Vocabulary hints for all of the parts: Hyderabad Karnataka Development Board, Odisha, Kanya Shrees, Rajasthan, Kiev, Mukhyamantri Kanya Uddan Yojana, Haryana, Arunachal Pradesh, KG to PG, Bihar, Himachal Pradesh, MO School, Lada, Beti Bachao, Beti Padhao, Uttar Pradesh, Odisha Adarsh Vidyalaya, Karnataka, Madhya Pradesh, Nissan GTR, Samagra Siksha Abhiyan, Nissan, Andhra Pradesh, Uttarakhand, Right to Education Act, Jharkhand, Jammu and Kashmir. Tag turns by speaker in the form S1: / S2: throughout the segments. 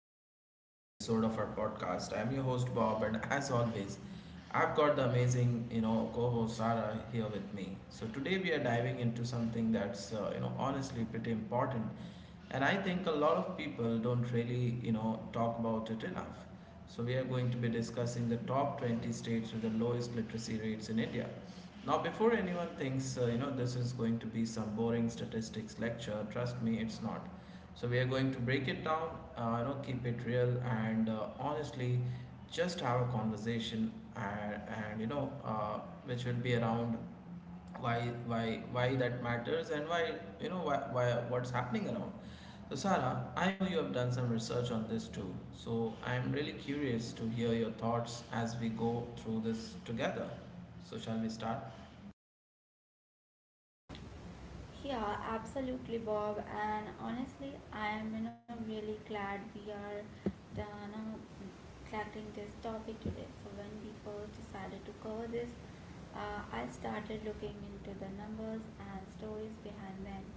S1: to another episode of our podcast. I'm your host Bob, and as always, I've got the amazing, co-host Sarah here with me. So today we are diving into something that's, honestly pretty important, and I think a lot of people don't really, talk about it enough. So we are going to be discussing the top 20 states with the lowest literacy rates in India. Now, before anyone thinks, this is going to be some boring statistics lecture. Trust me, it's not. So we are going to break it down, keep it real, and honestly, just have a conversation, and which will be around why why that matters, and why you know why what's happening around. So Sarah, I know you have done some research on this too, so I'm really curious to hear your thoughts as we go through this together. So shall we start?
S2: Yeah, absolutely, Bob. And honestly, I am really glad we are the, you know, tackling this topic today. So when we first decided to cover this, I started looking into the numbers and stories behind them,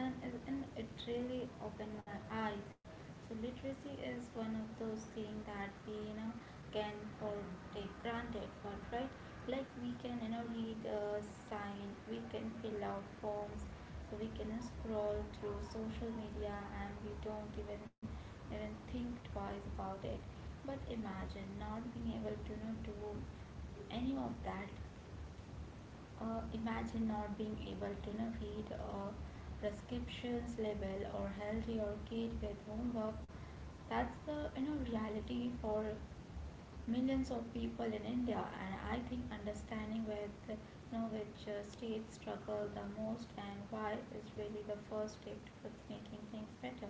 S2: and it really opened my eyes. So literacy is one of those things that we can for take granted, but right, like we can read a sign, we can fill out forms, so we can scroll through social media and we don't even think twice about it. But imagine not being able to do any of that. Imagine not being able to read a prescriptions label or help your kid with homework. That's the reality for millions of people in India, and I think understanding with which states struggle the most and why is really the first step towards making things better.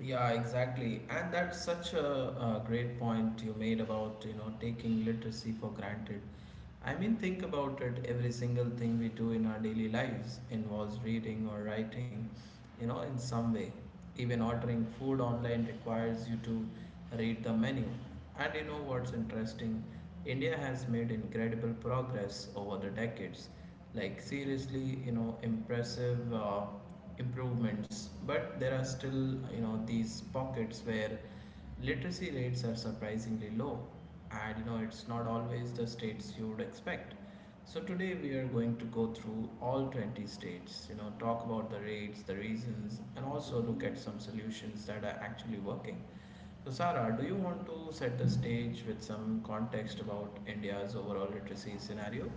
S1: Yeah, exactly. And that's such a great point you made about, taking literacy for granted. I mean, think about it. Every single thing we do in our daily lives involves reading or writing, in some way. Even ordering food online requires you to read the menu. And you know what's interesting? India has made incredible progress over the decades. Like, seriously, impressive improvements, but there are still, these pockets where literacy rates are surprisingly low, and it's not always the states you would expect. So today we are going to go through all 20 states, talk about the rates, the reasons, and also look at some solutions that are actually working. So Sarah, do you want to set the stage with some context about India's overall literacy scenario?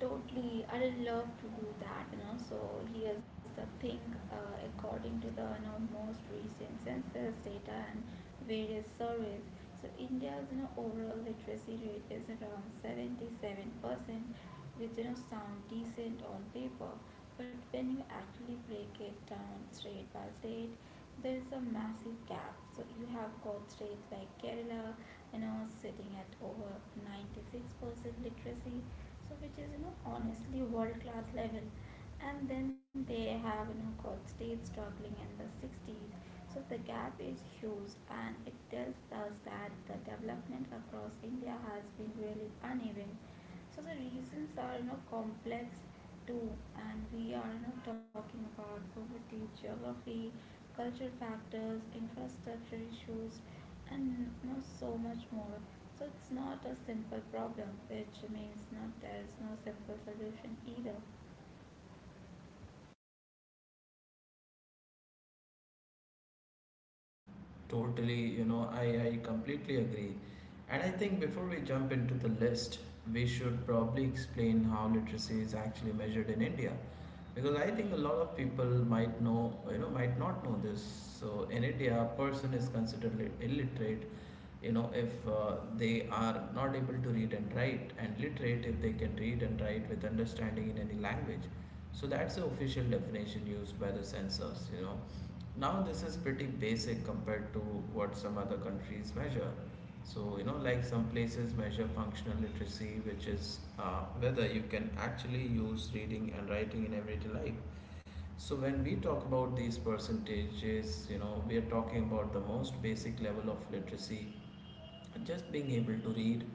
S2: Totally, I love to do that, you know. So here's the thing. According to the most recent census data and various surveys, so India's overall literacy rate is around 77%, which you know sound decent on paper, but when you actually break it down state by state, there is a massive gap. So you have got states like Kerala, you know, sitting at over 96% literacy, so which is you know honestly world class level. And then they have you know got states struggling in the 60s, so the gap is huge. And it tells us that the development across India has been really uneven. So the reasons are you know complex too, and we are not talking about poverty, geography, cultural factors, infrastructure issues, and you know so much more. So it's not a simple problem, which means not there is no simple solution either.
S1: Totally, I completely agree. And I think before we jump into the list, we should probably explain how literacy is actually measured in India, because I think a lot of people might know, might not know this. So in India, a person is considered illiterate if they are not able to read and write, and literate if they can read and write with understanding in any language. So that's the official definition used by the censors, now this is pretty basic compared to what some other countries measure. So like some places measure functional literacy, which is whether you can actually use reading and writing in everyday life. So when we talk about these percentages, we are talking about the most basic level of literacy, just being able to read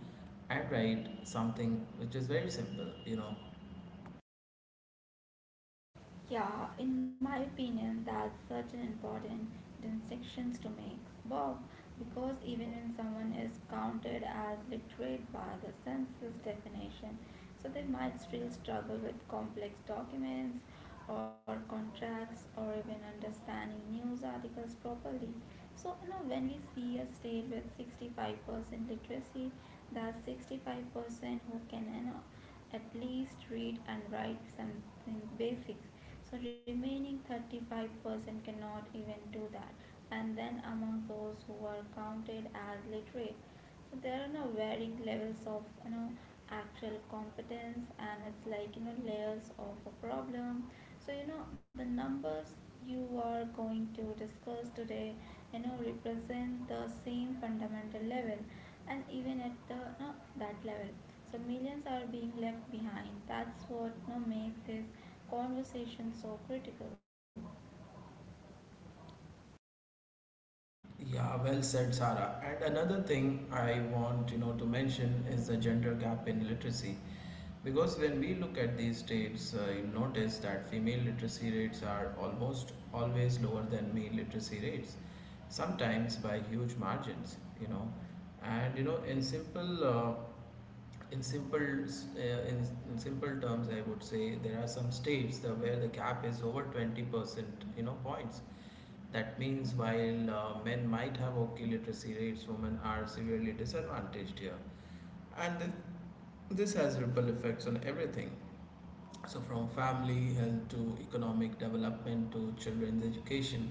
S1: and write something, which is very simple,
S2: Yeah, in my opinion, that's such an important distinctions to make, Bob, because even when someone is counted as literate by the census definition, so they might still struggle with complex documents or contracts or even understanding news articles properly. So, you know, when we see a state with 65% literacy, that's 65% who can, you know, at least read and write something basics, so remaining 35% cannot even do that. And then among those who are counted as literate, so there are no varying levels of you know actual competence, and it's like you know layers of a problem. So you know the numbers you are going to discuss today you know represent the same fundamental level, and even at the no, that level, so millions are being left behind. That's what no, makes this conversation so critical.
S1: yeah, well said, Sarah. And another thing I want, to mention is the gender gap in literacy, because when we look at these states you notice that female literacy rates are almost always lower than male literacy rates, sometimes by huge margins, and you know in simple in simple uh, in, in simple terms, I would say there are some states where the gap is over 20% points. That means while men might have okay literacy rates, women are severely disadvantaged here. And this has ripple effects on everything, so from family health to economic development to children's education.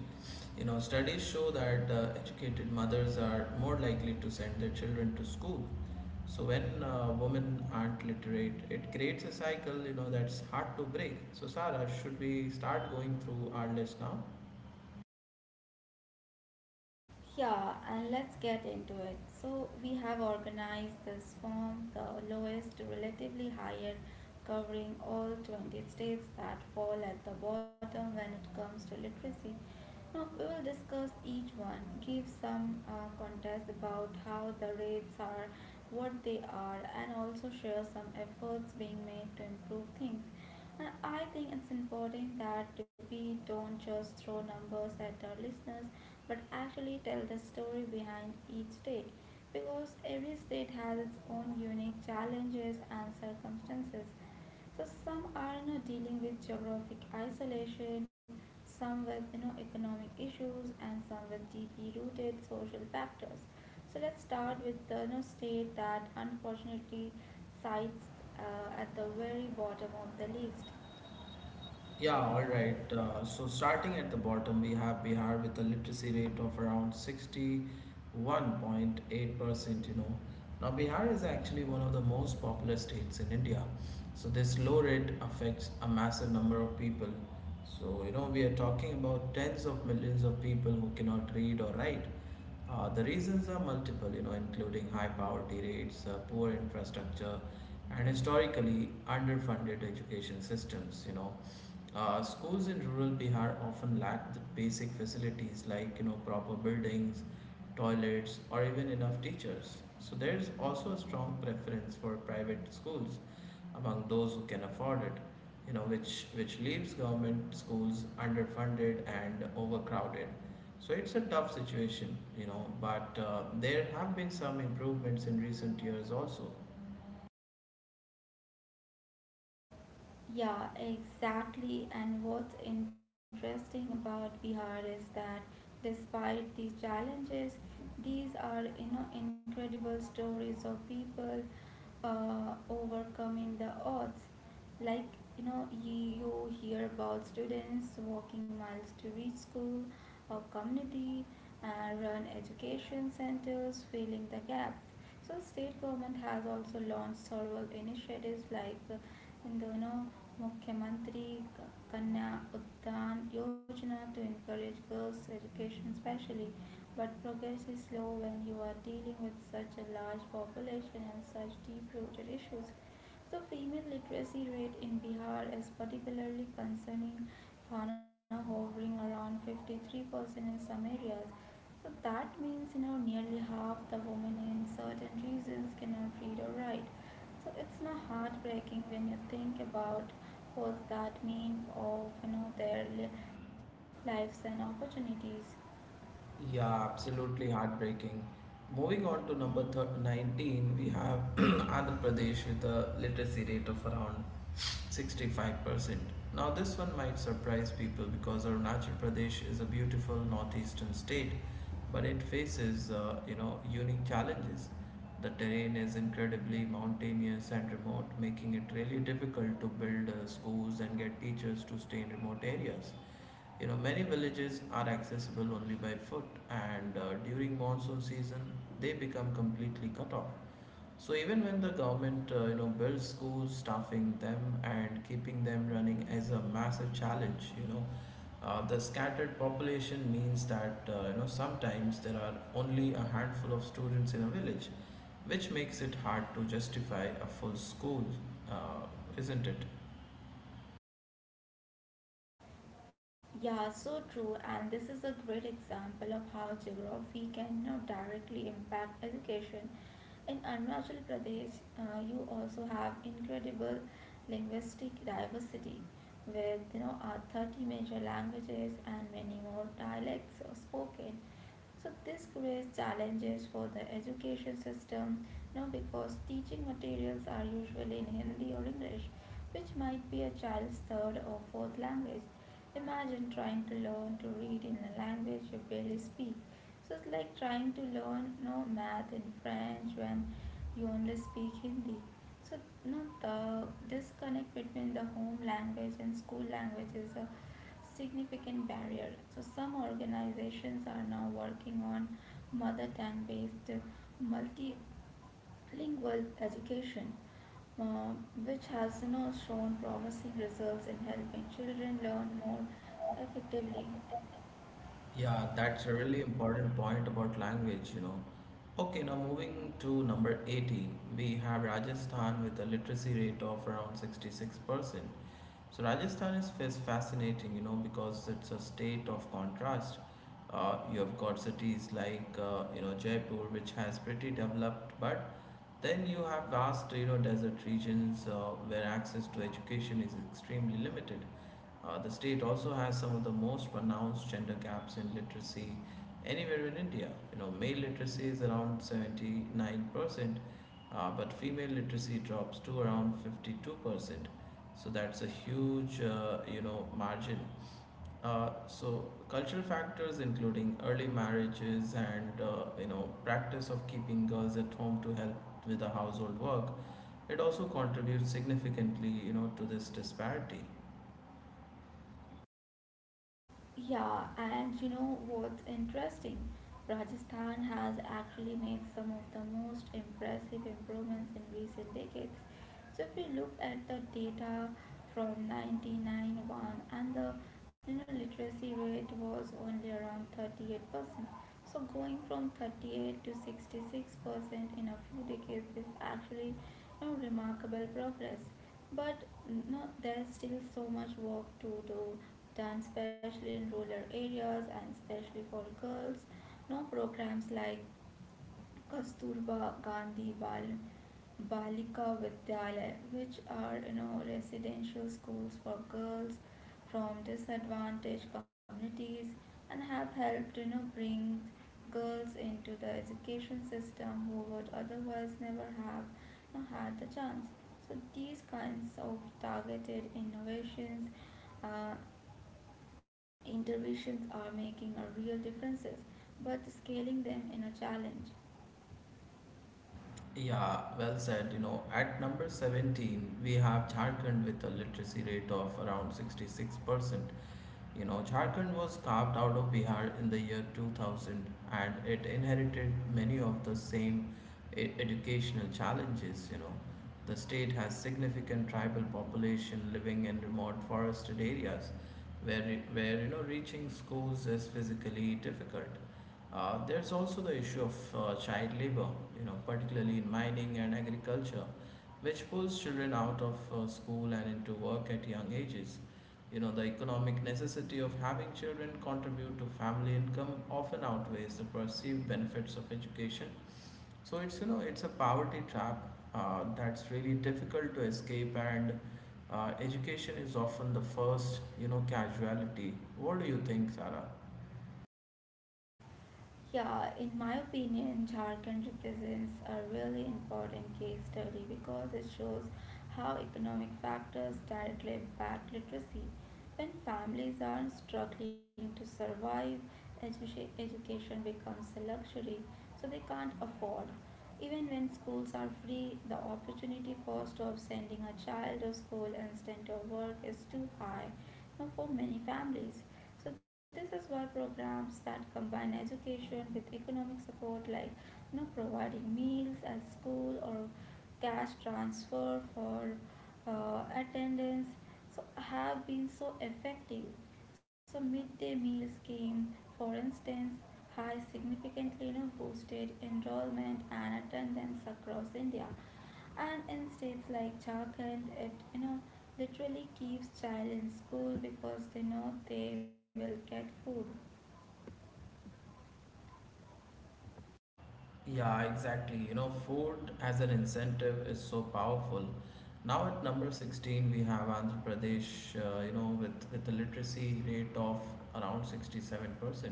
S1: Studies show that educated mothers are more likely to send their children to school. So when women aren't literate, it creates a cycle, that's hard to break. So Sarah, should we start going through our list now?
S2: Yeah, and let's get into it. So we have organized this from the lowest to relatively higher, covering all 20 states that fall at the bottom when it comes to literacy. Now we will discuss each one, give some context about how the rates are, what they are, and also share some efforts being made to improve things. And I think it's important that we don't just throw numbers at our listeners, but actually tell the story behind each state, because every state has its own unique challenges and circumstances. So some are you know dealing with geographic isolation, some with you know economic issues, and some with deeply rooted social factors. So let's start with the you know state that unfortunately sites at the very bottom of the list.
S1: Yeah, all right. So starting at the bottom, we have Bihar with a literacy rate of around 61.8%, Now, Bihar is actually one of the most populous states in India, so this low rate affects a massive number of people. So, we are talking about tens of millions of people who cannot read or write. The reasons are multiple, including high poverty rates, poor infrastructure, and historically underfunded education systems, Schools in rural Bihar often lack the basic facilities like proper buildings, toilets, or even enough teachers. So there's also a strong preference for private schools among those who can afford it, which leaves government schools underfunded and overcrowded. So it's a tough situation, but there have been some improvements in recent years also.
S2: Yeah, exactly. And what's interesting about Bihar is that despite these challenges, these are you know incredible stories of people overcoming the odds. Like you know, you hear about students walking miles to reach school or community and run education centers, filling the gaps. So state government has also launched several initiatives like in the you know Mukhyamantri Kanya Uddan Yojana to encourage girls' education, especially, but progress is slow when you are dealing with such a large population and such deep-rooted issues. So female literacy rate in Bihar is particularly concerning, Fana hovering around 53% in some areas. So that means you know nearly half the women in certain regions cannot read or write. So it's now heartbreaking when you think about what that means of you know their lives and opportunities.
S1: Yeah, absolutely heartbreaking. Moving on to number thir 19, we have Andhra Pradesh with a literacy rate of around 65%. Now, this one might surprise people because Arunachal Pradesh is a beautiful northeastern state, but it faces, unique challenges. The terrain is incredibly mountainous and remote, making it really difficult to build schools and get teachers to stay in remote areas. You know, many villages are accessible only by foot, and during monsoon season, they become completely cut off. So even when the government, builds schools, staffing them and keeping them running is a massive challenge. The scattered population means that sometimes there are only a handful of students in a village, which makes it hard to justify a full school, uh, isn't it?
S2: Yeah, so true. And this is a great example of how geography can you know directly impact education. In Arunachal Pradesh, you also have incredible linguistic diversity with 30 major languages and many more dialects spoken. So this creates challenges for the education system, you know, because teaching materials are usually in Hindi or English, which might be a child's third or fourth language. Imagine trying to learn to read in a language you barely speak. So it's like trying to learn no math in French when you only speak Hindi. So no, the disconnect between the home language and school language is a significant barrier. So some organizations are now working on mother tongue based multi Bilingual education, uh, which has you know shown promising results in helping children learn more effectively.
S1: Yeah, that's a really important point about language, Okay, now moving to number 18, we have Rajasthan with a literacy rate of around 66%. So, Rajasthan is fascinating, because it's a state of contrast. You have got cities like, Jaipur, which has pretty developed, but then you have vast, desert regions where access to education is extremely limited. The state also has some of the most pronounced gender gaps in literacy anywhere in India. You know, male literacy is around 79%, but female literacy drops to around 52%. So that's a huge, margin. So cultural factors including early marriages and practice of keeping girls at home to help with the household work, it also contributes significantly, to this disparity.
S2: Yeah, and you know what's interesting? Rajasthan has actually made some of the most impressive improvements in recent decades. So if we look at the data from 1991, and the you know literacy rate was only around 38%. So going from 38 to 66% in a few decades is actually you know remarkable progress. But no, there's still so much work to do done, especially in rural areas and especially for girls. No programs like Kasturba Gandhi Balika Vidyalaya, which are you know residential schools for girls from disadvantaged communities, and have helped you know bring girls into the education system who would otherwise never have you know had the chance. So these kinds of targeted innovations, uh, interventions are making a real differences, but scaling them in a challenge.
S1: Yeah, well said. You know, at number 17, we have Jharkhand with a literacy rate of around 66%. You know, Jharkhand was carved out of Bihar in the year 2000, and it inherited many of the same e educational challenges, The state has significant tribal population living in remote forested areas where reaching schools is physically difficult. There's also the issue of child labor, particularly in mining and agriculture, which pulls children out of school and into work at young ages. You know, the economic necessity of having children contribute to family income often outweighs the perceived benefits of education. So it's, it's a poverty trap that's really difficult to escape, and education is often the first, casualty. What do you think, Sarah?
S2: Yeah, in my opinion, Jharkhand represents a really important case study because it shows how economic factors directly impact literacy. When families are struggling to survive, education becomes a luxury, so they can't afford. Even when schools are free, the opportunity cost of sending a child to school instead of work is too high you know for many families. So this is why programs that combine education with economic support, like you know providing meals at school or cash transfer for attendance, so have been so effective. So midday meal scheme, for instance, has significantly you know boosted enrollment and attendance across India, and in states like Jharkhand, it you know literally keeps child in school because they know they will get food.
S1: Yeah, exactly. You know, food as an incentive is so powerful. Now at number 16, we have Andhra Pradesh, with a literacy rate of around 67%.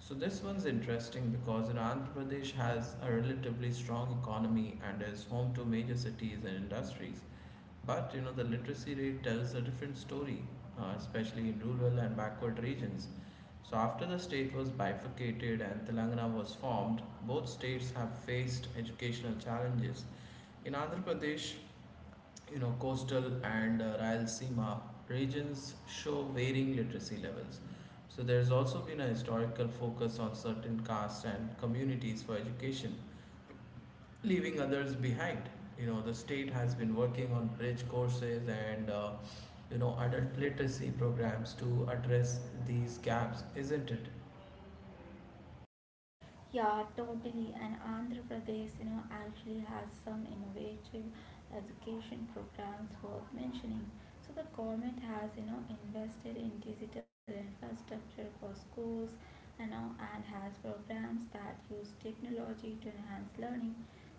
S1: So this one's interesting because, Andhra Pradesh has a relatively strong economy and is home to major cities and industries. But, the literacy rate tells a different story, especially in rural and backward regions. So, after the state was bifurcated and Telangana was formed, both states have faced educational challenges. In Andhra Pradesh, coastal and Rayalaseema regions show varying literacy levels. So, there's also been a historical focus on certain castes and communities for education, leaving others behind. You know, the state has been working on bridge courses and adult literacy programs to address these gaps, isn't it?
S2: Yeah, totally. And Andhra Pradesh, you know, actually has some innovative education programs worth mentioning. So the government has, you know, invested in digital infrastructure for schools, you know, and has programs that use technology to enhance learning.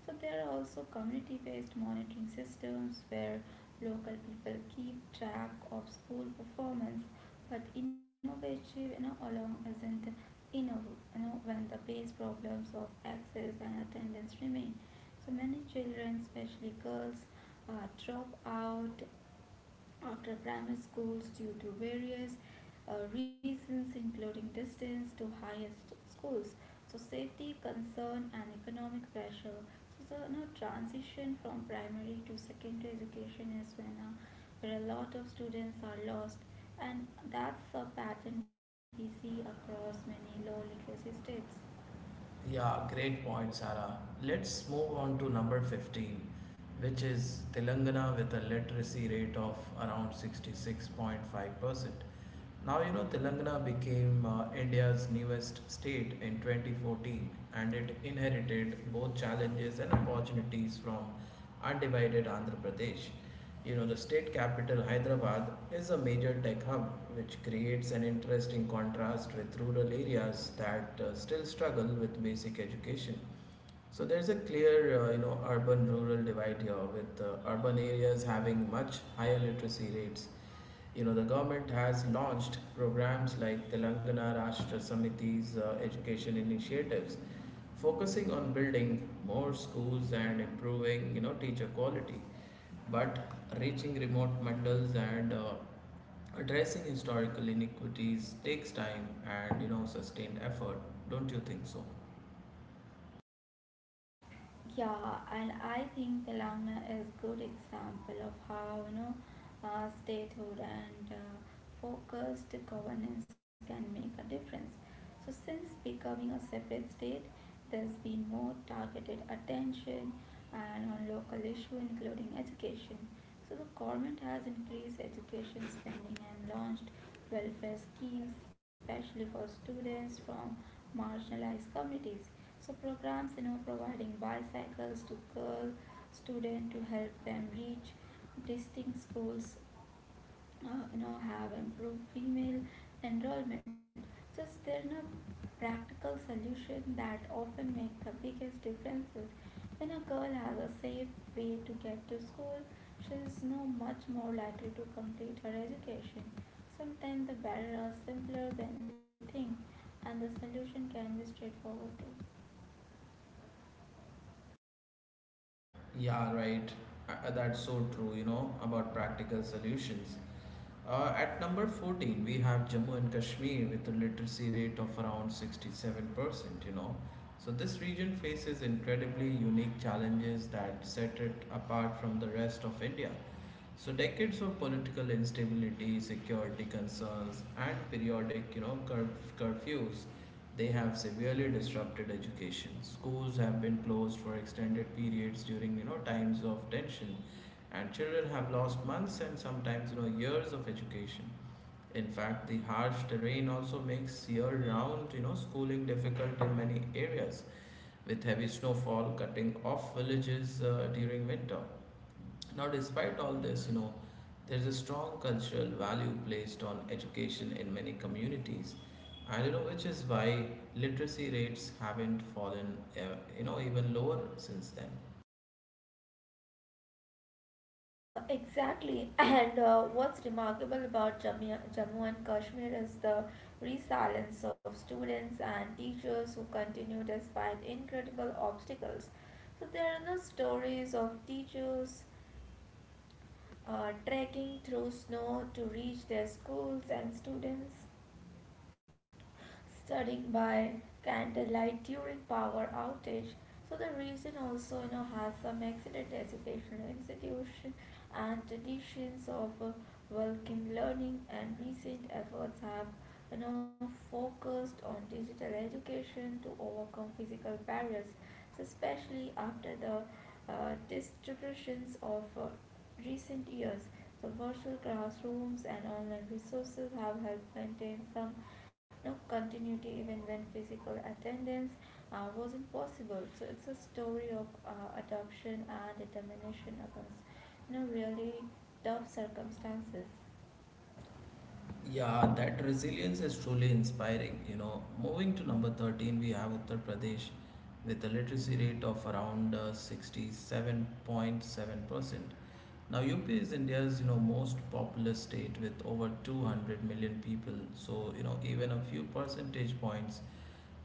S2: So there are also community-based monitoring systems where local people keep track of school performance, but innovative, you know, along isn't in a row, you know, when the base problems of access and attendance remain. So many children, especially girls, uh, drop out after primary schools due to various reasons including distance to highest schools, so safety concern and economic pressure. So the you know transition from primary to secondary education is when where a lot of students are lost, and that's a pattern we see across many low literacy states.
S1: Yeah, great point, Sarah. Let's move on to number 15, which is Telangana with a literacy rate of around 66.5%. Now you know Telangana became India's newest state in 2014, and it inherited both challenges and opportunities from undivided Andhra Pradesh. You know the state capital Hyderabad is a major tech hub, which creates an interesting contrast with rural areas that still struggle with basic education. So there's a clear, urban-rural divide here, with urban areas having much higher literacy rates. The government has launched programs like Telangana Rashtra Samiti's education initiatives, focusing on building more schools and improving, teacher quality. But reaching remote mandals and addressing historical inequities takes time and, sustained effort. Don't you think so?
S2: Yeah, and I think Telangana is good example of how you know statehood and focused governance can make a difference. So since becoming a separate state, there's been more targeted attention and on local issue including education. So the government has increased education spending and launched welfare schemes especially for students from marginalized communities. So programs, you know, providing bicycles to girl students to help them reach distinct schools, you know, have improved female enrollment. Just there are no practical solutions that often make the biggest differences. When a girl has a safe way to get to school, she is no much more likely to complete her education. Sometimes the barriers are simpler than we think, and the solution can be straightforward too.
S1: Yeah, right. That's so true, about practical solutions. At number 14, we have Jammu and Kashmir with a literacy rate of around 67%, So this region faces incredibly unique challenges that set it apart from the rest of India. So decades of political instability, security concerns, and periodic, curfews, they have severely disrupted education. Schools have been closed for extended periods during, times of tension, and children have lost months and sometimes, years of education. In fact, the harsh terrain also makes year-round, schooling difficult in many areas, with heavy snowfall cutting off villages during winter. Now, despite all this, there's a strong cultural value placed on education in many communities, and you know, which is why literacy rates haven't fallen, even lower since then.
S2: Exactly. And what's remarkable about Jammu and Kashmir is the resilience of students and teachers who continue despite incredible obstacles. So there are no stories of teachers trekking through snow to reach their schools and students studying by candlelight during power outage. So the region also you know has some excellent educational institution and traditions of welcome learning, and recent efforts have you know focused on digital education to overcome physical barriers, especially after the distributions of recent years. So virtual classrooms and online resources have helped maintain some you know continuity even when physical attendance wasn't possible. So it's a story of adoption and determination against you know really tough circumstances.
S1: Yeah, that resilience is truly inspiring. You know, moving to number 13, we have Uttar Pradesh with a literacy rate of around 67.7%. Now, UP is India's, most populous state with over 200 million people. So, you know, even a few percentage points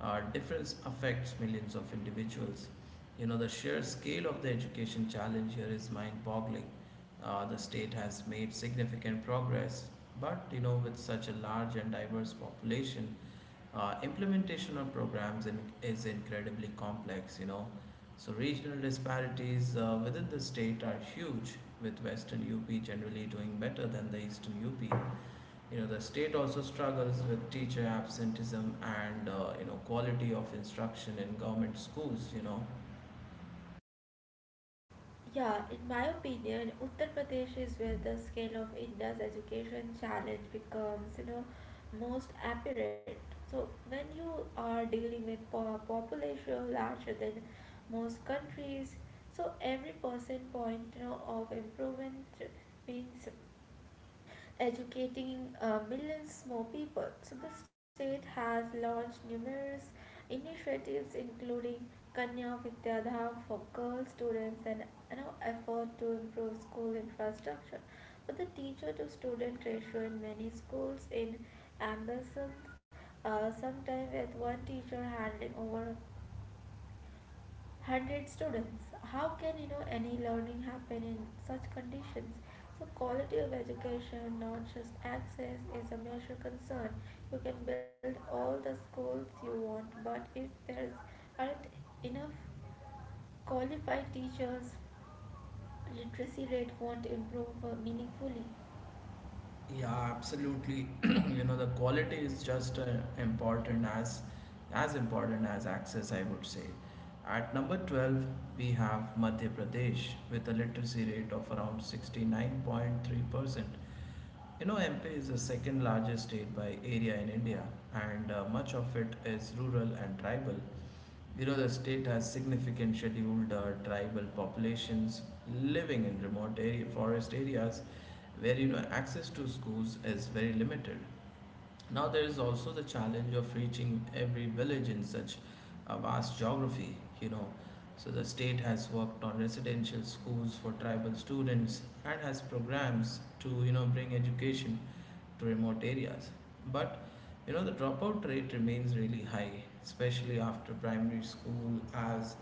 S1: uh, difference affects millions of individuals. You know, the sheer scale of the education challenge here is mind boggling. The state has made significant progress but you know, with such a large and diverse population, implementation of programs is incredibly complex. You know, so regional disparities within the state are huge, with Western UP generally doing better than the Eastern UP. You know, the state also struggles with teacher absenteeism and you know quality of instruction in government schools. You know,
S2: Yeah, in my opinion, Uttar Pradesh is where the scale of India's education challenge becomes, you know, most apparent. So when you are dealing with population larger than most countries, so every percent point, you know, of improvement means educating millions more people. So the state has launched numerous initiatives including Kanya Vidyadham for girl students and you know, effort to improve school infrastructure. But the teacher to student ratio in many schools in Ambersons, sometimes with one teacher handling over 100 students. How can you know any learning happen in such conditions? So quality of education, not just access, is a major concern. You can build all the schools you want, but if there is aren't enough qualified teachers, literacy rate won't improve meaningfully.
S1: yeah, absolutely. You know, the quality is just important as important as access, I would say. At number 12, we have Madhya Pradesh with a literacy rate of around 69.3%. You know, MP is the second largest state by area in India, and much of it is rural and tribal. You know, the state has significant scheduled tribal populations living in forest areas where you know access to schools is very limited. Now, there is also the challenge of reaching every village in such a vast geography, you know. So, the state has worked on residential schools for tribal students and has programs to, you know, bring education to remote areas. But, you know, the dropout rate remains really high, especially after primary school, as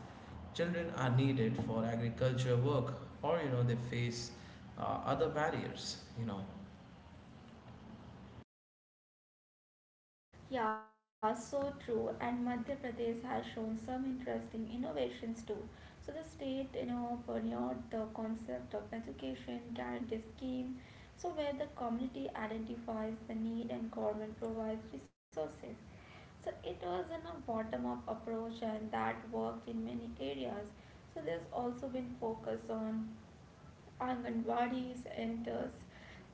S1: children are needed for agriculture work or, you know, they face other barriers, you know.
S2: Yeah, so true. And Madhya Pradesh has shown some interesting innovations too. So the state, you know, pioneered the concept of education guarantee scheme, so where the community identifies the need and government provides resources. So it was in a bottom-up approach and that worked in many areas. So there's also been focus on Anganwadi enters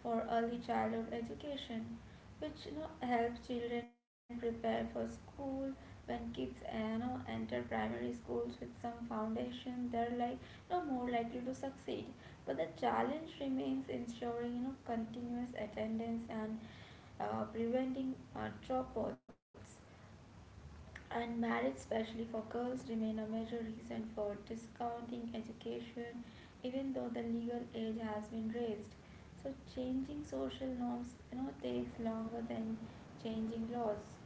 S2: for early childhood education, which you know helps children prepare for school. When kids you know enter primary schools with some foundation, they're like you know, more likely to succeed. But the challenge remains ensuring you know continuous attendance and preventing dropouts. And marriage, especially for girls, remain a major reason for discounting education, even though the legal age has been raised. So changing social norms, you know, takes longer than changing laws.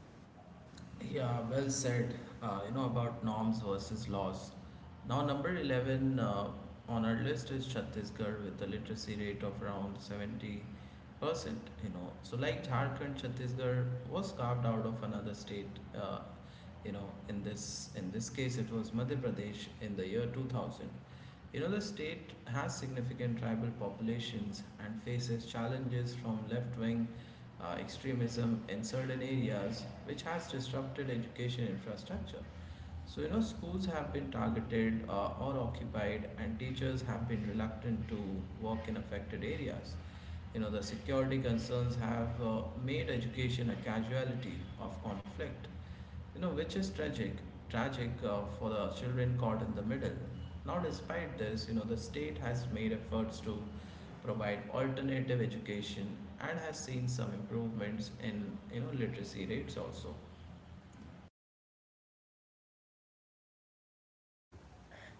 S1: Yeah, well said. You know about norms versus laws. Now, number 11 on our list is Chhattisgarh with a literacy rate of around 70%. You know, so like Jharkhand, Chhattisgarh was carved out of another state. Uh, you know, in this case, it was Madhya Pradesh in the year 2000. You know, the state has significant tribal populations and faces challenges from left wing extremism in certain areas, which has disrupted education infrastructure. So, you know, schools have been targeted or occupied, and teachers have been reluctant to work in affected areas. You know, the security concerns have made education a casualty of conflict you know, which is tragic for the children caught in the middle. Now, despite this, you know, the state has made efforts to provide alternative education and has seen some improvements you know, literacy rates also.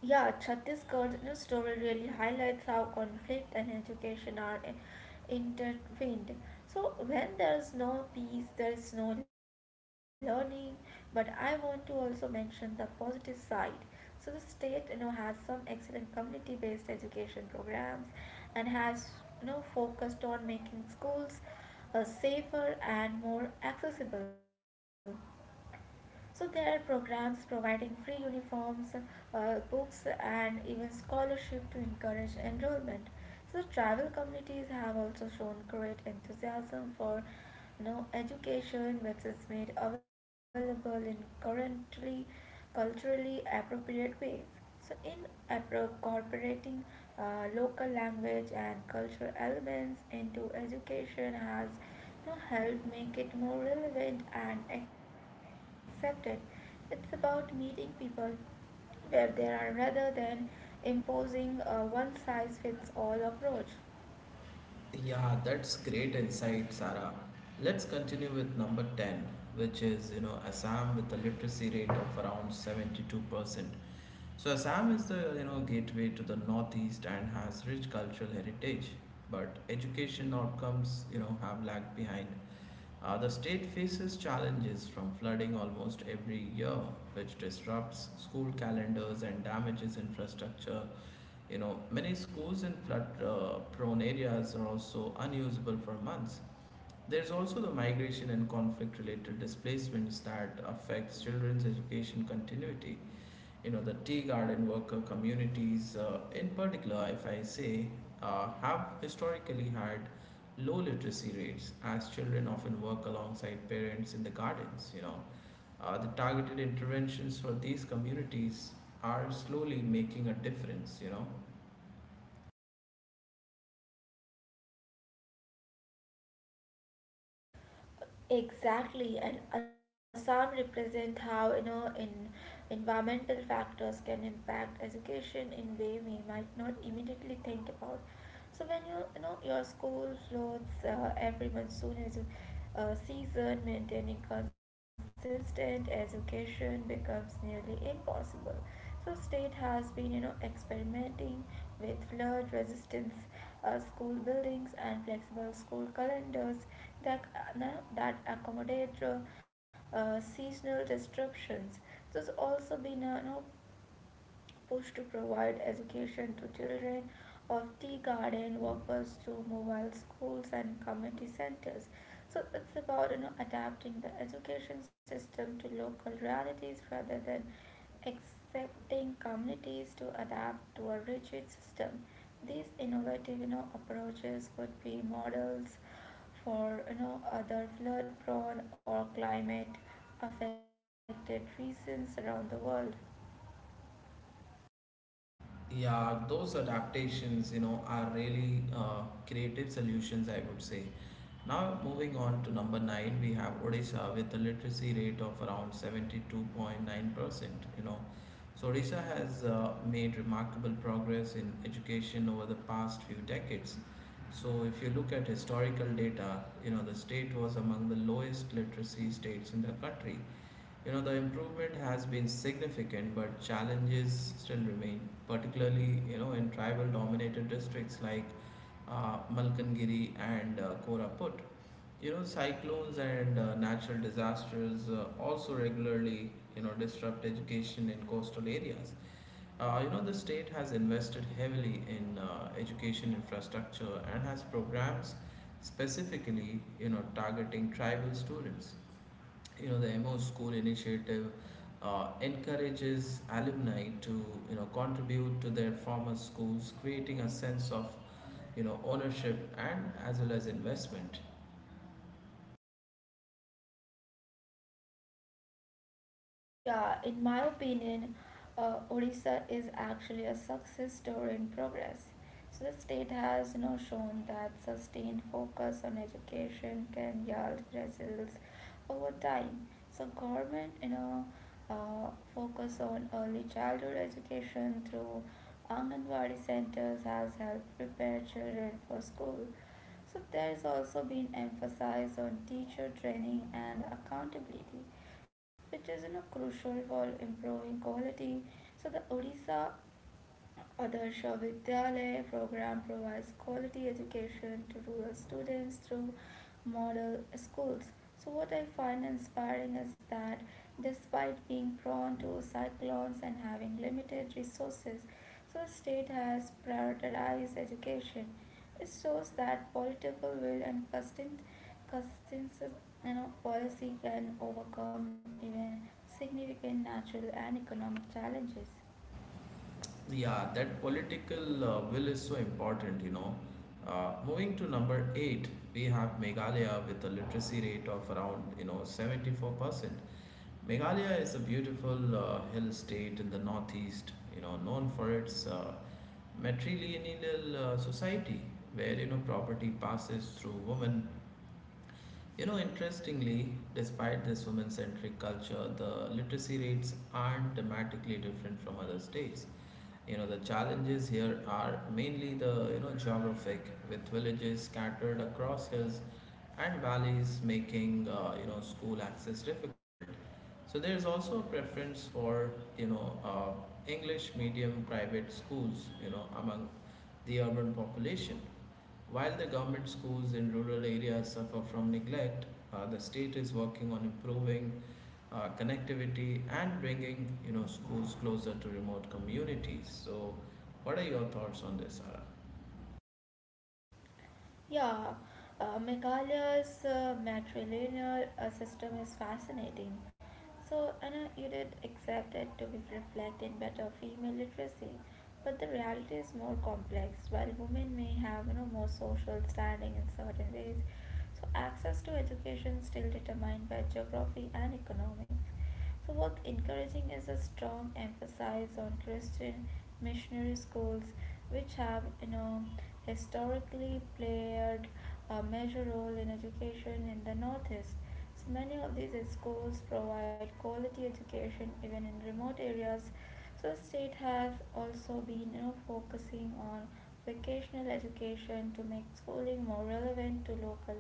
S2: Yeah, Chhattisgarh's you story really highlights how conflict and education are intertwined. So, when there's no peace, there's no learning. But I want to also mention the positive side. So, the state you know has some excellent community-based education programs, and has you know focused on making schools safer and more accessible. So there are programs providing free uniforms, books, and even scholarship to encourage enrollment. So tribal communities have also shown great enthusiasm for you know, education, which is made available in currently culturally appropriate ways. So in incorporating local language and cultural elements into education has to help make it more relevant and accepted. It's about meeting people where they are rather than imposing a one size fits all approach.
S1: Yeah, that's great insight, Sarah. Let's continue with number 10, which is, you know, Assam with a literacy rate of around 72%. So Assam is the you know gateway to the northeast and has rich cultural heritage, but education outcomes you know have lagged behind. The state faces challenges from flooding almost every year, which disrupts school calendars and damages infrastructure. You know, many schools in flood-prone areas are also unusable for months. There's also the migration and conflict-related displacements that affects children's education continuity you know the tea garden worker communities in particular if I say have historically had low literacy rates as children often work alongside parents in the gardens you know the targeted interventions for these communities are slowly making a difference you know
S2: Exactly, and Assam represent how you know in environmental factors can impact education in way we might not immediately think about. So when you know your school floats every monsoon as a, season, maintaining consistent education becomes nearly impossible. So state has been you know experimenting with flood resistance school buildings and flexible school calendars that, now that accommodate seasonal disruptions. There's also been a you know, push to provide education to children of tea garden workers through mobile schools and community centers. So it's about you know adapting the education system to local realities rather than accepting communities to adapt to a rigid system. These innovative you know, approaches could be models for you know other flood prone or climate affected regions around the world.
S1: yeah, those adaptations, you know, are really creative solutions, I would say. Now, moving on to number nine, we have Odisha with a literacy rate of around 72.9%. You know, so Odisha has made remarkable progress in education over the past few decades. So, if you look at historical data, you know, the state was among the lowest literacy states in the country you know, the improvement has been significant, but challenges still remain, particularly, you know, in tribal dominated districts like Malkangiri and Koraput. You know, cyclones and natural disasters also regularly, you know, disrupt education in coastal areas. You know, the state has invested heavily in education infrastructure and has programs specifically, you know, targeting tribal students you know the MO School initiative encourages alumni to you know contribute to their former schools, creating a sense of you know ownership and as well as investment.
S2: Yeah, in my opinion, Odisha is actually a success story in progress. So the state has you know shown that sustained focus on education can yield results over time. So government you know focus on early childhood education through Anganwadi centers has helped prepare children for school. So there's also been emphasis on teacher training and accountability, which is you know, crucial for improving quality. So the Odisha Adarsh Vidyalaya program provides quality education to rural students through model schools. So, what I find inspiring is that despite being prone to cyclones and having limited resources, so the state has prioritized education. It shows that political will and constant you know, policy can overcome even significant natural and economic challenges.
S1: Yeah, that political will is so important, you know. Moving to number eight, we have Meghalaya with a literacy rate of around, you know, 74%. Meghalaya is a beautiful hill state in the northeast, you know, known for its matrilineal society where, you know, property passes through women. You know, interestingly, despite this women centric culture, the literacy rates aren't dramatically different from other states. You know, the challenges here are mainly the, you know, geographic, with villages scattered across hills and valleys making, you know, school access difficult. So there is also a preference for, you know, uh, English medium private schools, you know, among the urban population. While the government schools in rural areas suffer from neglect, the state is working on improving connectivity and bringing you know schools closer to remote communities. So, what are your thoughts on this, Sarah?
S2: Yeah, Meghalaya's matrilineal system is fascinating. So, Anna, you did accept it to be reflecting better female literacy, but the reality is more complex. While women may have you know, more social standing in certain ways, so access to education still determined by geography and economics. So, what's encouraging is a strong emphasis on Christian missionary schools, which have, you know, historically played a major role in education in the Northeast. So, many of these schools provide quality education even in remote areas. So, the state has also been, you know, focusing on vocational education to make schooling more relevant to local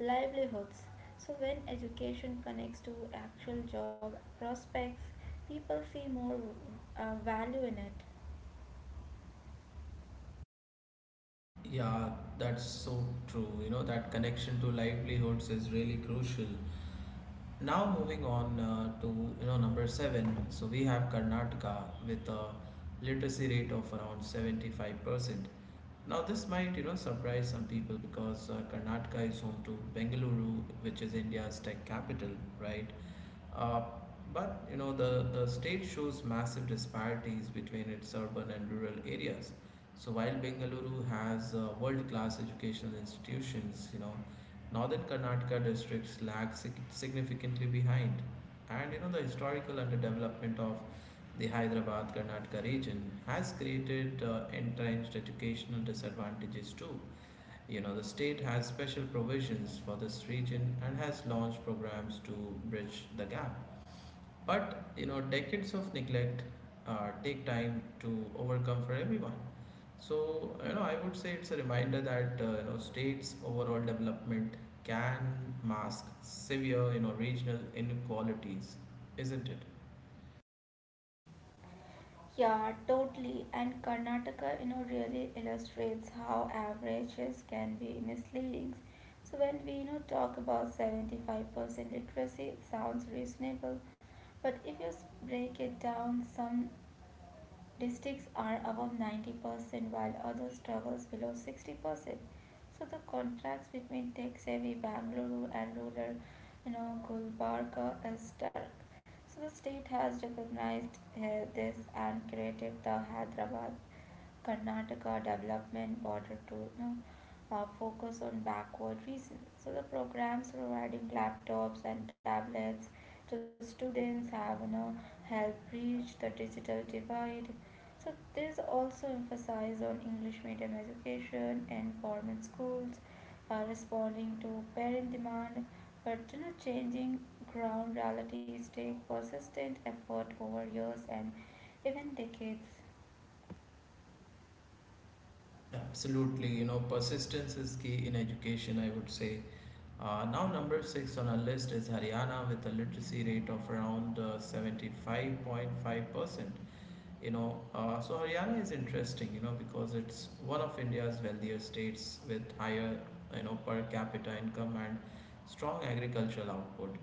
S2: livelihoods. So when education connects to actual job prospects, people see more value in it.
S1: Yeah, that's so true. You know that connection to livelihoods is really crucial. Now moving on to you know number seven. So we have Karnataka with a literacy rate of around 75%. Now this might you know surprise some people because Karnataka is home to Bengaluru, which is India's tech capital, right? Uh, but you know the state shows massive disparities between its urban and rural areas. So while Bengaluru has world-class educational institutions, you know, Northern Karnataka districts lag significantly behind. And you know, the historical underdevelopment of the Hyderabad Karnataka region has created entrenched educational disadvantages too. You know, the state has special provisions for this region and has launched programs to bridge the gap. But you know, decades of neglect take time to overcome for everyone. So, you know, I would say it's a reminder that, you know, states' overall development can mask severe, you know, regional inequalities, isn't it?
S2: Yeah, totally. And Karnataka, you know, really illustrates how averages can be misleading. So when we, you know, talk about 75% literacy, it sounds reasonable. But if you break it down, some districts are above 90% while others struggles below 60%. So the contrast between tech-savvy Bangalore and rural, you know, Gulbarga is stark. So the state has recognized this and created the Hyderabad Karnataka Development Board to you know, focus on backward regions. So the programs providing laptops and tablets to students have you know, helped bridge the digital divide. So there's also emphasis on English medium education and government schools are responding to parent demand, but you know, changing ground realities take persistent effort over years and even decades.
S1: Absolutely. You know, persistence is key in education, I would say. Now, number six on our list is Haryana with a literacy rate of around 75.5%. You know, so Haryana is interesting, you know, because it's one of India's wealthier states with higher, you know, per capita income and strong agricultural output.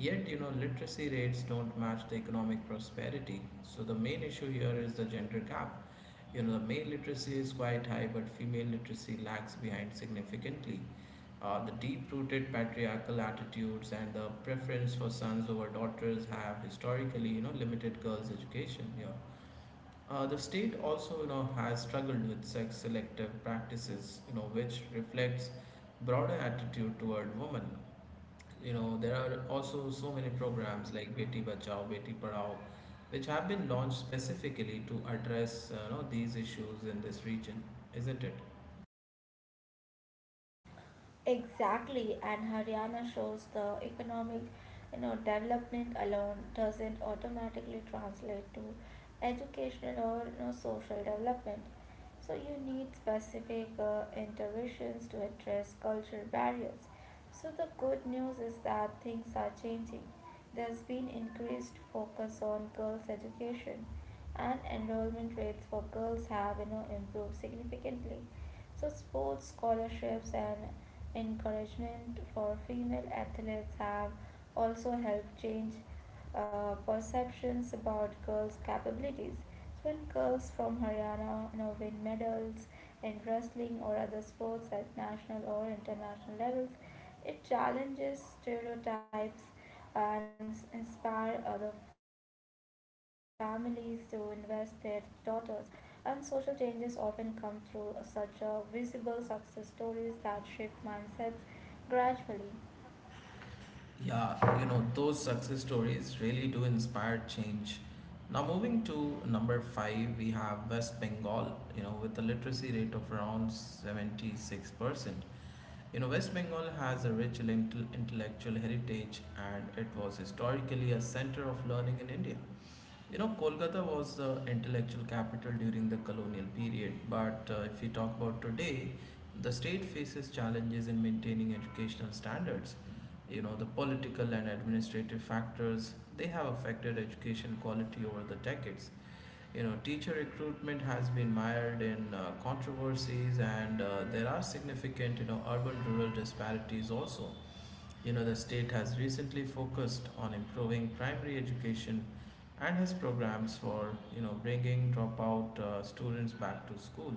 S1: Yet, you know, literacy rates don't match the economic prosperity. So the main issue here is the gender gap. You know, the male literacy is quite high, but female literacy lags behind significantly. The deep-rooted patriarchal attitudes and the preference for sons over daughters have historically, you know, limited girls' education here. The state also, you know, has struggled with sex selective practices, you know, which reflects broader attitude toward women. You know, there are also so many programs like Beti Bachao, Beti Padhao, which have been launched specifically to address, you know, these issues in this region, isn't it?
S2: Exactly, and Haryana shows the economic, you know, development alone doesn't automatically translate to educational or you know, social development. So you need specific interventions to address cultural barriers. So the good news is that things are changing. There's been increased focus on girls' education, and enrollment rates for girls have you know improved significantly. So sports scholarships and encouragement for female athletes have also helped change perceptions about girls' capabilities. So when girls from Haryana you know, win medals in wrestling or other sports at national or international levels, it challenges stereotypes and inspire other families to invest their daughters and social changes often come through such visible success stories that shift mindsets gradually.
S1: Yeah, you know, those success stories really do inspire change. Now, moving to number five, we have West Bengal, you know, with a literacy rate of around 76%. You know, West Bengal has a rich intellectual heritage and it was historically a center of learning in India. You know, Kolkata was the intellectual capital during the colonial period, but if we talk about today, the state faces challenges in maintaining educational standards. You know, the political and administrative factors they have affected education quality over the decades. You know, teacher recruitment has been mired in controversies, and there are significant, you know, urban-rural disparities also. You know, the state has recently focused on improving primary education and has programs for, you know, bringing dropout students back to school.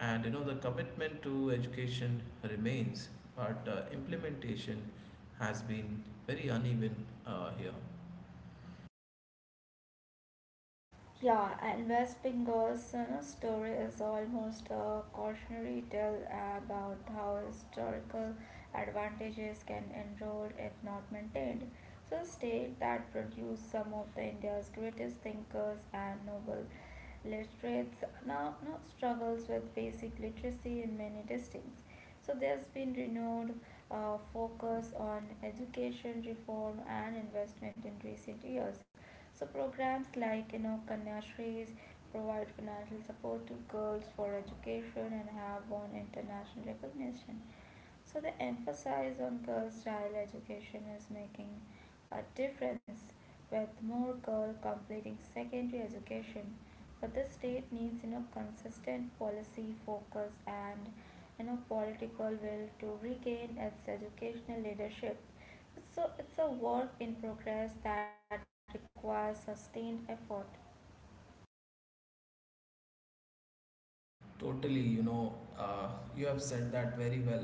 S1: And, you know, the commitment to education remains, but implementation has been very uneven here.
S2: Yeah, and West Bengal's you know, story is almost a cautionary tale about how historical advantages can erode if not maintained. So, a state that produced some of the India's greatest thinkers and noble literates now, now struggles with basic literacy in many districts. So, there's been renewed focus on education reform and investment in recent years. So programs like you know Kanya Shrees provide financial support to girls for education and have won international recognition. So the emphasis on girl child education is making a difference with more girls completing secondary education. But the state needs you know consistent policy focus and you know political will to regain its educational leadership. So it's a work in progress that requires sustained effort.
S1: Totally, you know, you have said that very well.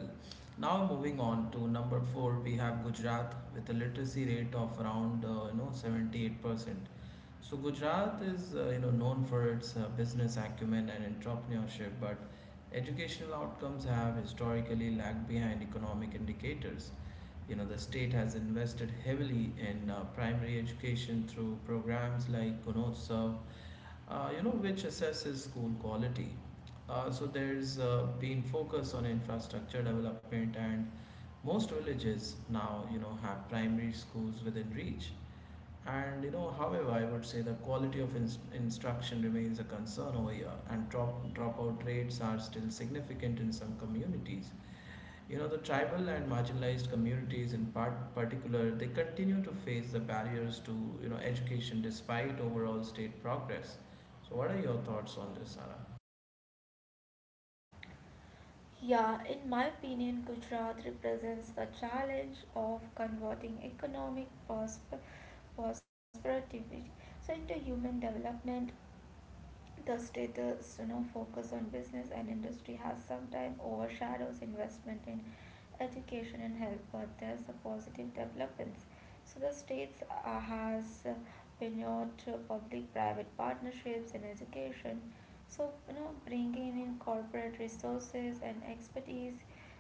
S1: Now moving on to number four, we have Gujarat with a literacy rate of around 78%. So Gujarat is you know known for its business acumen and entrepreneurship, but educational outcomes have historically lagged behind economic indicators. You know, the state has invested heavily in primary education through programs like Gunotsav which assesses school quality. So there's been focus on infrastructure development, and most villages now, you know, have primary schools within reach. However, I would say the quality of instruction remains a concern over here, and dropout rates are still significant in some communities. You know, the tribal and marginalized communities in particular, they continue to face the barriers to, you know, education despite overall state progress. So what are your thoughts on this, Sara?
S2: Yeah, in my opinion, Gujarat represents the challenge of converting economic perspective was productivity. So into human development the status you know, focus on business and industry has sometimes overshadows investment in education and health, but there's a positive developments. So the states has pioneered public-private partnerships in education. So you know, bringing in corporate resources and expertise.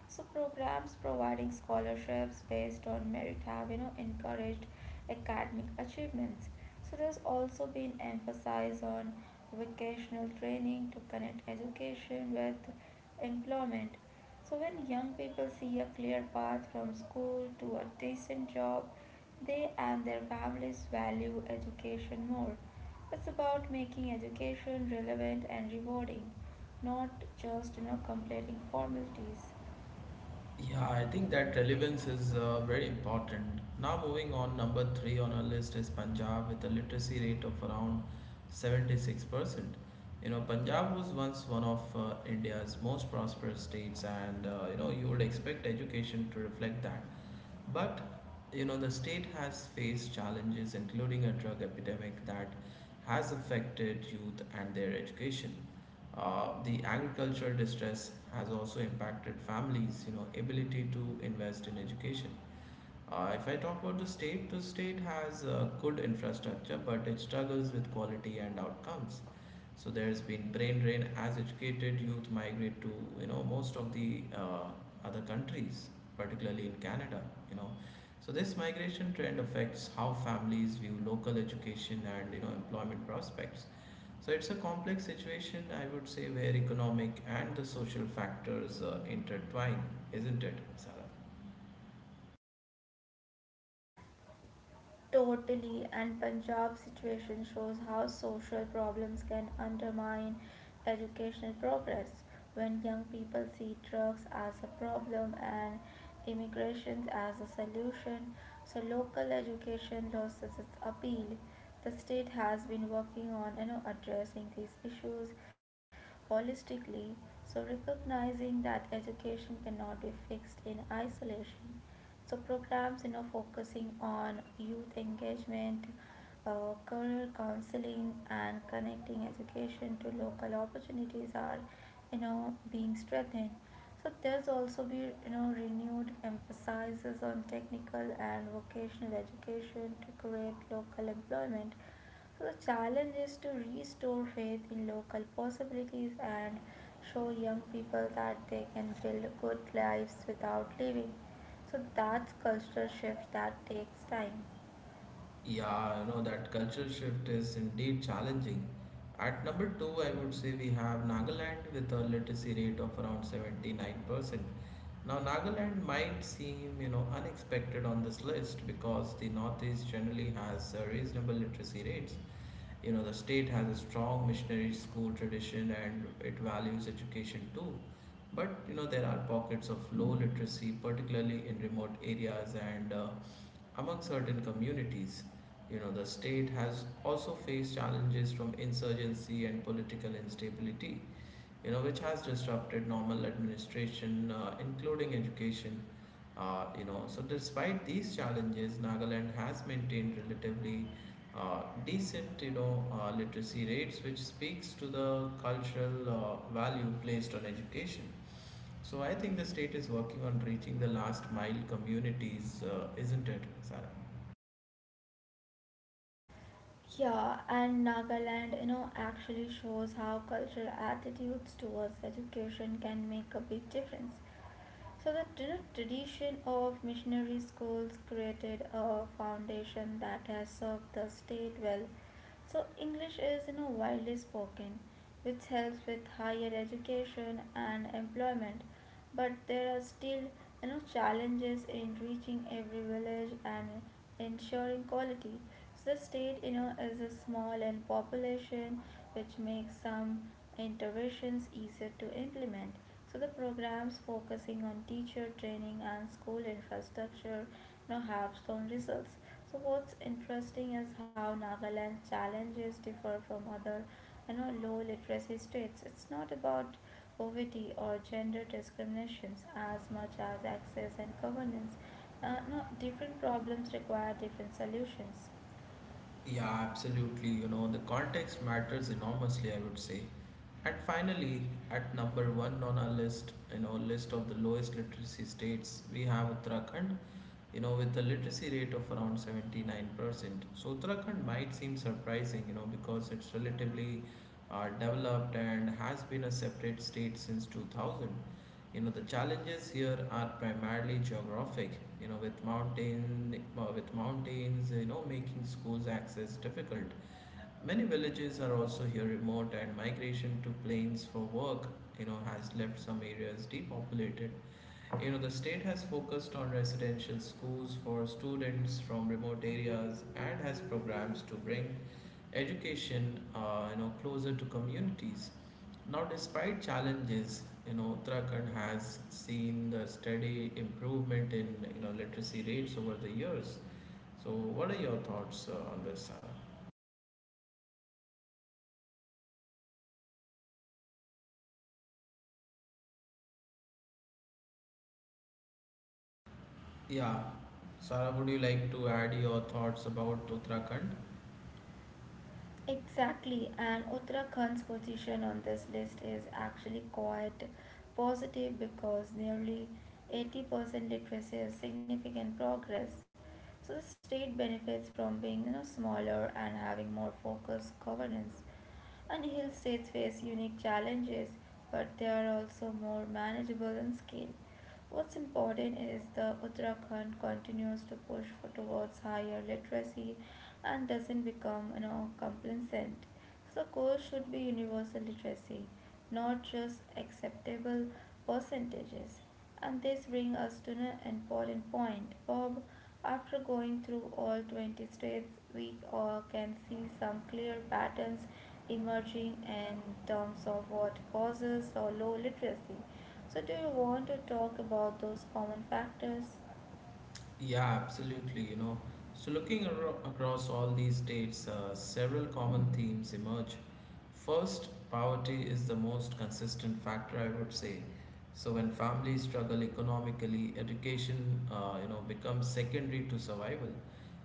S2: So programs providing scholarships based on merit have you know encouraged academic achievements. So there's also been emphasis on vocational training to connect education with employment. So, when young people see a clear path from school to a decent job, they and their families value education more. It's about making education relevant and rewarding, not just you know completing formalities.
S1: Yeah, I think that relevance is very important. Now moving on, number three on our list is Punjab with a literacy rate of around 76%. You know, Punjab was once one of India's most prosperous states and, you know, you would expect education to reflect that. But you know, the state has faced challenges, including a drug epidemic that has affected youth and their education. The agricultural distress has also impacted families, you know, ability to invest in education. If I talk about the state has good infrastructure, but it struggles with quality and outcomes. So there has been brain drain as educated youth migrate to, you know, most of the other countries, particularly in Canada. You know, so this migration trend affects how families view local education and, you know, employment prospects. So it's a complex situation, I would say, where economic and the social factors intertwine, isn't it, Sarah?
S2: Totally, and Punjab's situation shows how social problems can undermine educational progress. When young people see drugs as a problem and immigration as a solution, so local education loses its appeal. The state has been working on you know, addressing these issues holistically, so recognizing that education cannot be fixed in isolation. So programs you know focusing on youth engagement, career counseling and connecting education to local opportunities are you know being strengthened. So there's also be you know renewed emphasis on technical and vocational education to create local employment. So the challenge is to restore faith in local possibilities and show young people that they can build good lives without leaving. So that's cultural shift that takes time.
S1: Yeah, you know, that cultural shift is indeed challenging. At number two, I would say we have Nagaland with a literacy rate of around 79%. Now, Nagaland might seem, you know, unexpected on this list because the Northeast generally has reasonable literacy rates. You know, the state has a strong missionary school tradition and it values education too. But, you know, there are pockets of low literacy, particularly in remote areas and among certain communities. You know, the state has also faced challenges from insurgency and political instability, you know, which has disrupted normal administration, including education. So despite these challenges, Nagaland has maintained relatively decent, you know, literacy rates, which speaks to the cultural value placed on education. So I think the state is working on reaching the last mile communities, isn't it, Sarah?
S2: Yeah, and Nagaland, you know, actually shows how cultural attitudes towards education can make a big difference. So the you know, tradition of missionary schools created a foundation that has served the state well. So English is you know widely spoken, which helps with higher education and employment. But there are still you know challenges in reaching every village and ensuring quality. So the state, you know, is a small and population which makes some interventions easier to implement. So the programs focusing on teacher training and school infrastructure, you know, have shown results. So what's interesting is how Nagaland's challenges differ from other, you know, low literacy states. It's not about poverty or gender discriminations as much as access and governance. No, different problems require different solutions.
S1: Yeah, absolutely. You know, the context matters enormously, I would say. And finally, at number one on our list, you know, list of the lowest literacy states, we have Uttarakhand, you know, with a literacy rate of around 79%. So Uttarakhand might seem surprising, you know, because it's relatively developed and has been a separate state since 2000. You know, the challenges here are primarily geographic, you know, with mountains, you know, making schools access difficult. Many villages are also here remote, and migration to plains for work, you know, has left some areas depopulated. You know, the state has focused on residential schools for students from remote areas and has programs to bring education you know closer to communities. Now, despite challenges, you know, Uttarakhand has seen the steady improvement in, you know, literacy rates over the years. So, what are your thoughts on this, Sarah? Yeah, Sarah, would you like to add your thoughts about Uttarakhand?
S2: Exactly, and Uttarakhand's position on this list is actually quite positive because nearly 80% literacy is significant progress. So the state benefits from being smaller and having more focused governance. And hill states face unique challenges, but they are also more manageable in scale. What's important is the Uttarakhand continues to push for towards higher literacy and doesn't become complacent. So the goal should be universal literacy, not just acceptable percentages. And this brings us to an important point, Bob. After going through all 20 states, we all can see some clear patterns emerging in terms of what causes or low literacy. So do you want to talk about those common factors?
S1: Yeah, absolutely. You know, so looking across all these states, several common themes emerge. First, poverty is the most consistent factor, I would say. So when families struggle economically, education, you know, becomes secondary to survival.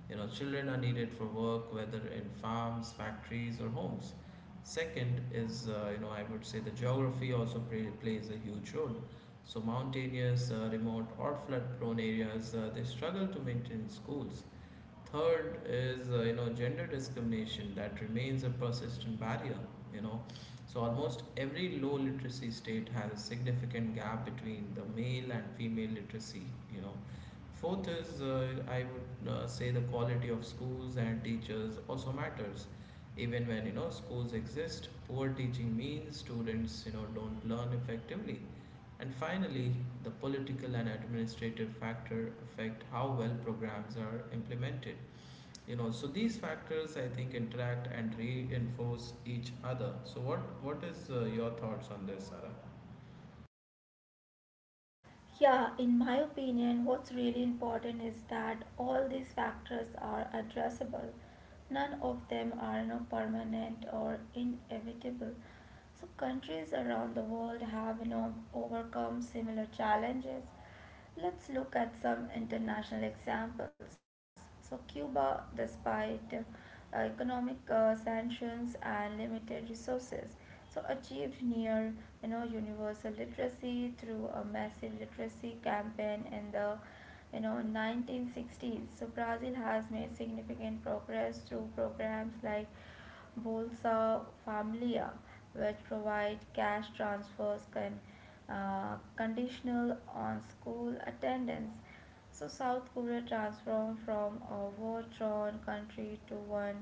S1: You know, children are needed for work, whether in farms, factories, or homes. Second is, you know, I would say the geography also plays a huge role. So, mountainous, remote, or flood prone areas, they struggle to maintain schools. Third is you know gender discrimination that remains a persistent barrier. You know, so almost every low literacy state has a significant gap between the male and female literacy. You know, fourth is I would say the quality of schools and teachers also matters. Even when, you know, schools exist, poor teaching means students, you know, don't learn effectively. And finally, the political and administrative factor affect how well programs are implemented. You know, so these factors I think interact and reinforce each other. So what is, your thoughts on this, Sarah?
S2: Yeah, in my opinion, what's really important is that all these factors are addressable. None of them are permanent or inevitable. So countries around the world have overcome similar challenges. Let's look at some international examples. So Cuba, despite economic sanctions and limited resources, so achieved near universal literacy through a massive literacy campaign in the 1960s. So Brazil has made significant progress through programs like Bolsa Familia, which provide cash transfers conditional on school attendance. So South Korea transformed from a war-torn country to one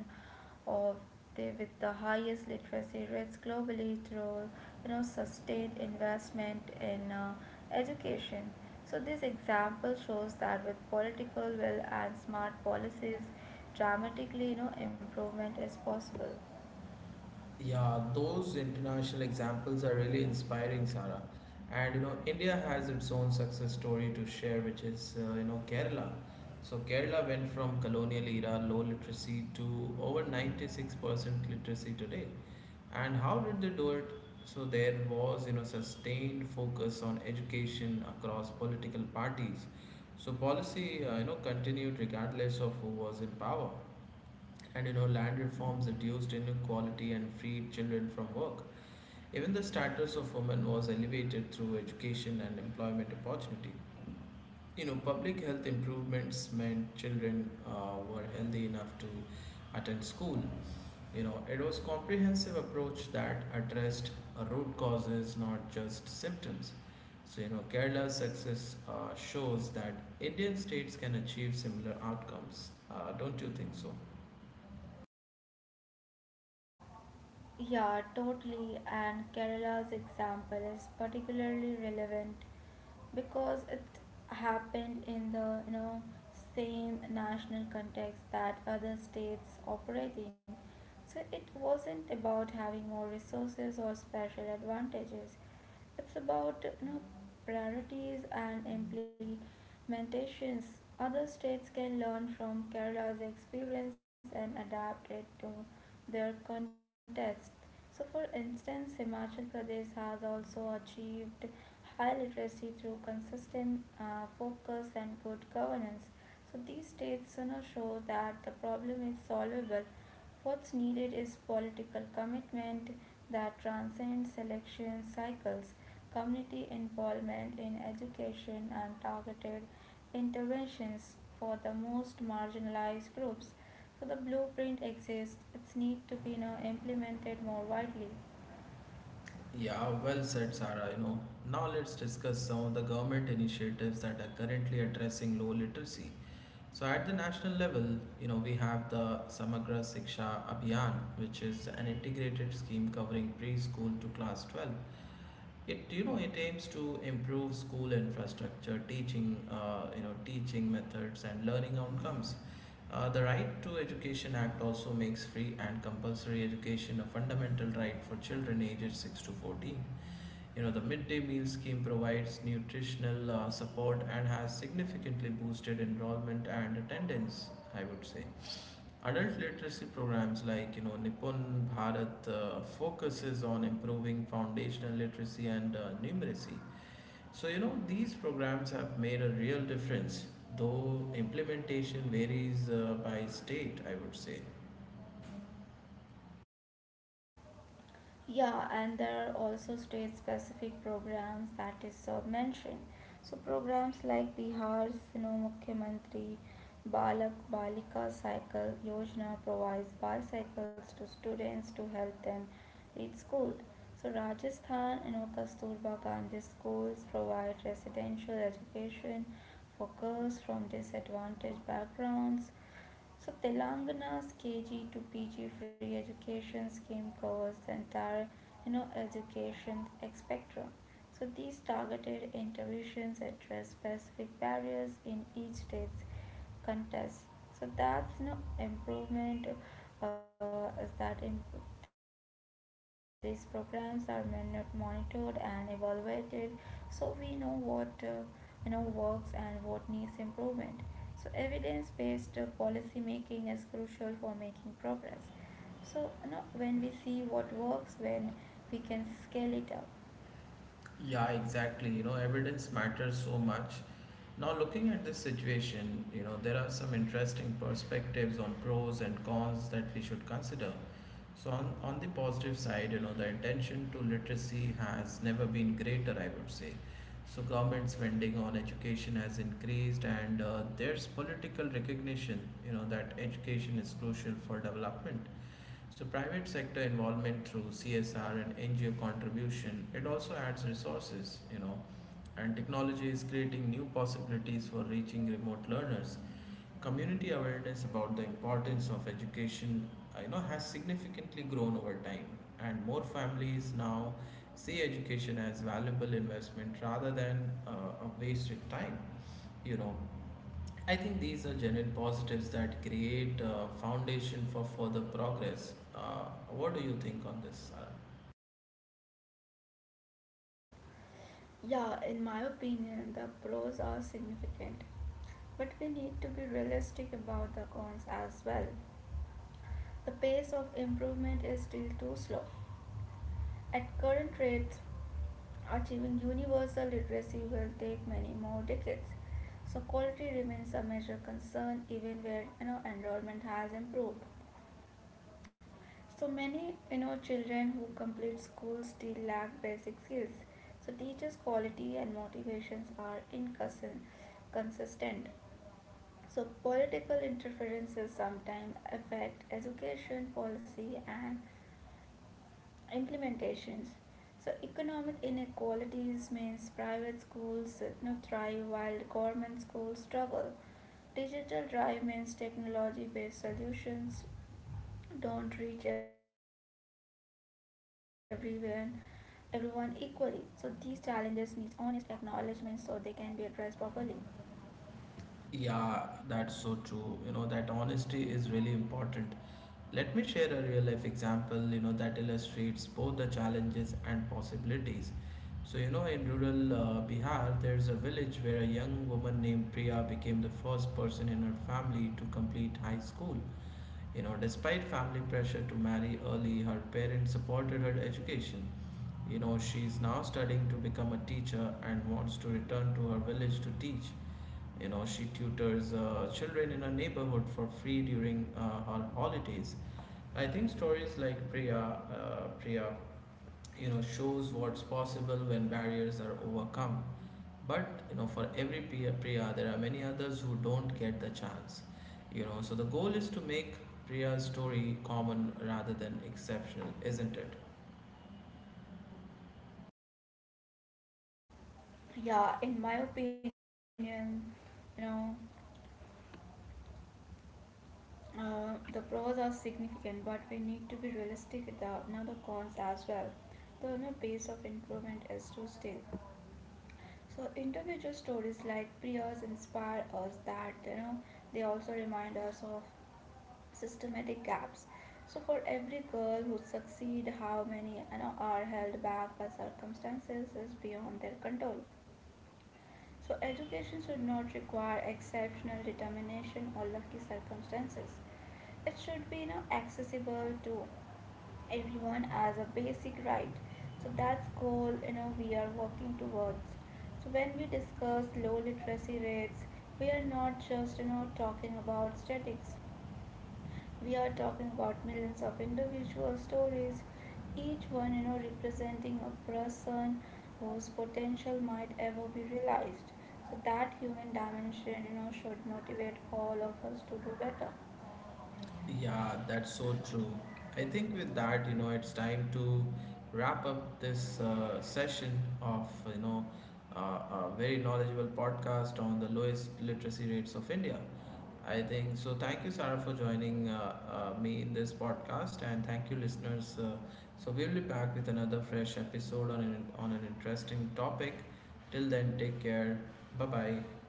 S2: of the with the highest literacy rates globally through sustained investment in education. So this example shows that with political will and smart policies, dramatically improvement is possible.
S1: Yeah, those international examples are really inspiring, Sarah. And you know, India has its own success story to share, which is you know Kerala. So Kerala went from colonial era low literacy to over 96% literacy today. And how did they do it? So there was, you know, sustained focus on education across political parties. So policy you know continued regardless of who was in power. And you know, land reforms reduced inequality and freed children from work. Even the status of women was elevated through education and employment opportunity. You know, public health improvements meant children were healthy enough to attend school. You know, it was comprehensive approach that addressed root causes, not just symptoms. So, you know, Kerala's success shows that Indian states can achieve similar outcomes. Don't you think so?
S2: Yeah, totally. And Kerala's example is particularly relevant because it happened in the same national context that other states operating. So it wasn't about having more resources or special advantages. It's about priorities and implementations. Other states can learn from Kerala's experience and adapt it to their contest. So, for instance, Himachal Pradesh has also achieved high literacy through consistent focus and good governance. So these states show that the problem is solvable. What's needed is political commitment that transcends election cycles, community involvement in education, and targeted interventions for the most marginalized groups. So the blueprint exists, it's need to be now implemented more widely.
S1: Yeah, well said, Sarah. You know, now let's discuss some of the government initiatives that are currently addressing low literacy. So, at the national level, you know, we have the Samagra Siksha Abhiyan, which is an integrated scheme covering preschool to class 12. It you know it aims to improve school infrastructure, teaching you know teaching methods and learning outcomes. The Right to Education Act also makes free and compulsory education a fundamental right for children ages 6 to 14. You know, the midday meal scheme provides nutritional support and has significantly boosted enrollment and attendance, I would say. Adult literacy programs like, you know, Nipun Bharat focuses on improving foundational literacy and numeracy. So, you know, these programs have made a real difference, though implementation varies by state, I would say.
S2: Yeah, and there are also state specific programs that is sub mentioned. So programs like Bihar's Mukhyamantri Balak Balika Cycle Yojana provides bicycles to students to help them reach school. So Rajasthan and Kasturba Gandhi schools provide residential education for girls from disadvantaged backgrounds. So Telangana's KG to PG free education scheme covers the entire, education spectrum. So these targeted interventions address specific barriers in each state's contest. So that's improvement is that in, these programs are monitored and evaluated, so we know what works and what needs improvement. So evidence-based policy making is crucial for making progress. So when we see what works, when we can scale it up.
S1: Yeah, exactly. You know, evidence matters so much. Now, looking at this situation, you know, there are some interesting perspectives on pros and cons that we should consider. So, on the positive side, you know, the attention to literacy has never been greater, I would say. So, government spending on education has increased, and there's political recognition, you know, that education is crucial for development. So private sector involvement through CSR and NGO contribution, it also adds resources, you know, and technology is creating new possibilities for reaching remote learners. Community awareness about the importance of education, you know, has significantly grown over time, and more families now see education as valuable investment rather than a wasted time. You know, I think these are genuine positives that create a foundation for further progress. What do you think on this, Sarah?
S2: Yeah, in my opinion, the pros are significant, but we need to be realistic about the cons as well. The pace of improvement is still too slow. At current rates, achieving universal literacy will take many more decades. So quality remains a major concern even where enrollment has improved. So many children who complete school still lack basic skills. So teachers' quality and motivations are inconsistent. So political interferences sometimes affect education policy and implementations. So economic inequalities means private schools thrive while government schools struggle. Digital drive means technology based solutions don't reach everyone equally. So these challenges need honest acknowledgement so they can be addressed properly.
S1: Yeah, that's so true. You know, that honesty is really important. Let me share a real life example, you know, that illustrates both the challenges and possibilities. So, you know, in rural Bihar, there's a village where a young woman named Priya became the first person in her family to complete high school. You know, despite family pressure to marry early, her parents supported her education. You know, she's now studying to become a teacher and wants to return to her village to teach. You know, she tutors children in her neighborhood for free during her holidays. I think stories like Priya, you know, shows what's possible when barriers are overcome. But you know, for every Priya, there are many others who don't get the chance. You know, so the goal is to make Priya's story common rather than exceptional, isn't it?
S2: Yeah, in my opinion, you know the pros are significant, but we need to be realistic with the, now the cons as well. The pace of improvement is too still. So individual stories like Priya's inspire us that they also remind us of systematic gaps. So for every girl who succeed, how many are held back by circumstances is beyond their control. So education should not require exceptional determination or lucky circumstances. It should be accessible to everyone as a basic right. So that's goal we are working towards. So when we discuss low literacy rates, we are not just talking about statistics. We are talking about millions of individual stories, each one representing a person whose potential might ever be realized. So that human dimension should motivate all of us to do better.
S1: Yeah, that's so true. I think with that, you know, it's time to wrap up this session of, uh, a very knowledgeable podcast on the lowest literacy rates of India. I think so. Thank you, Sarah, for joining me in this podcast, and thank you, listeners. So we'll be back with another fresh episode on on an interesting topic. Till then, take care. Bye bye.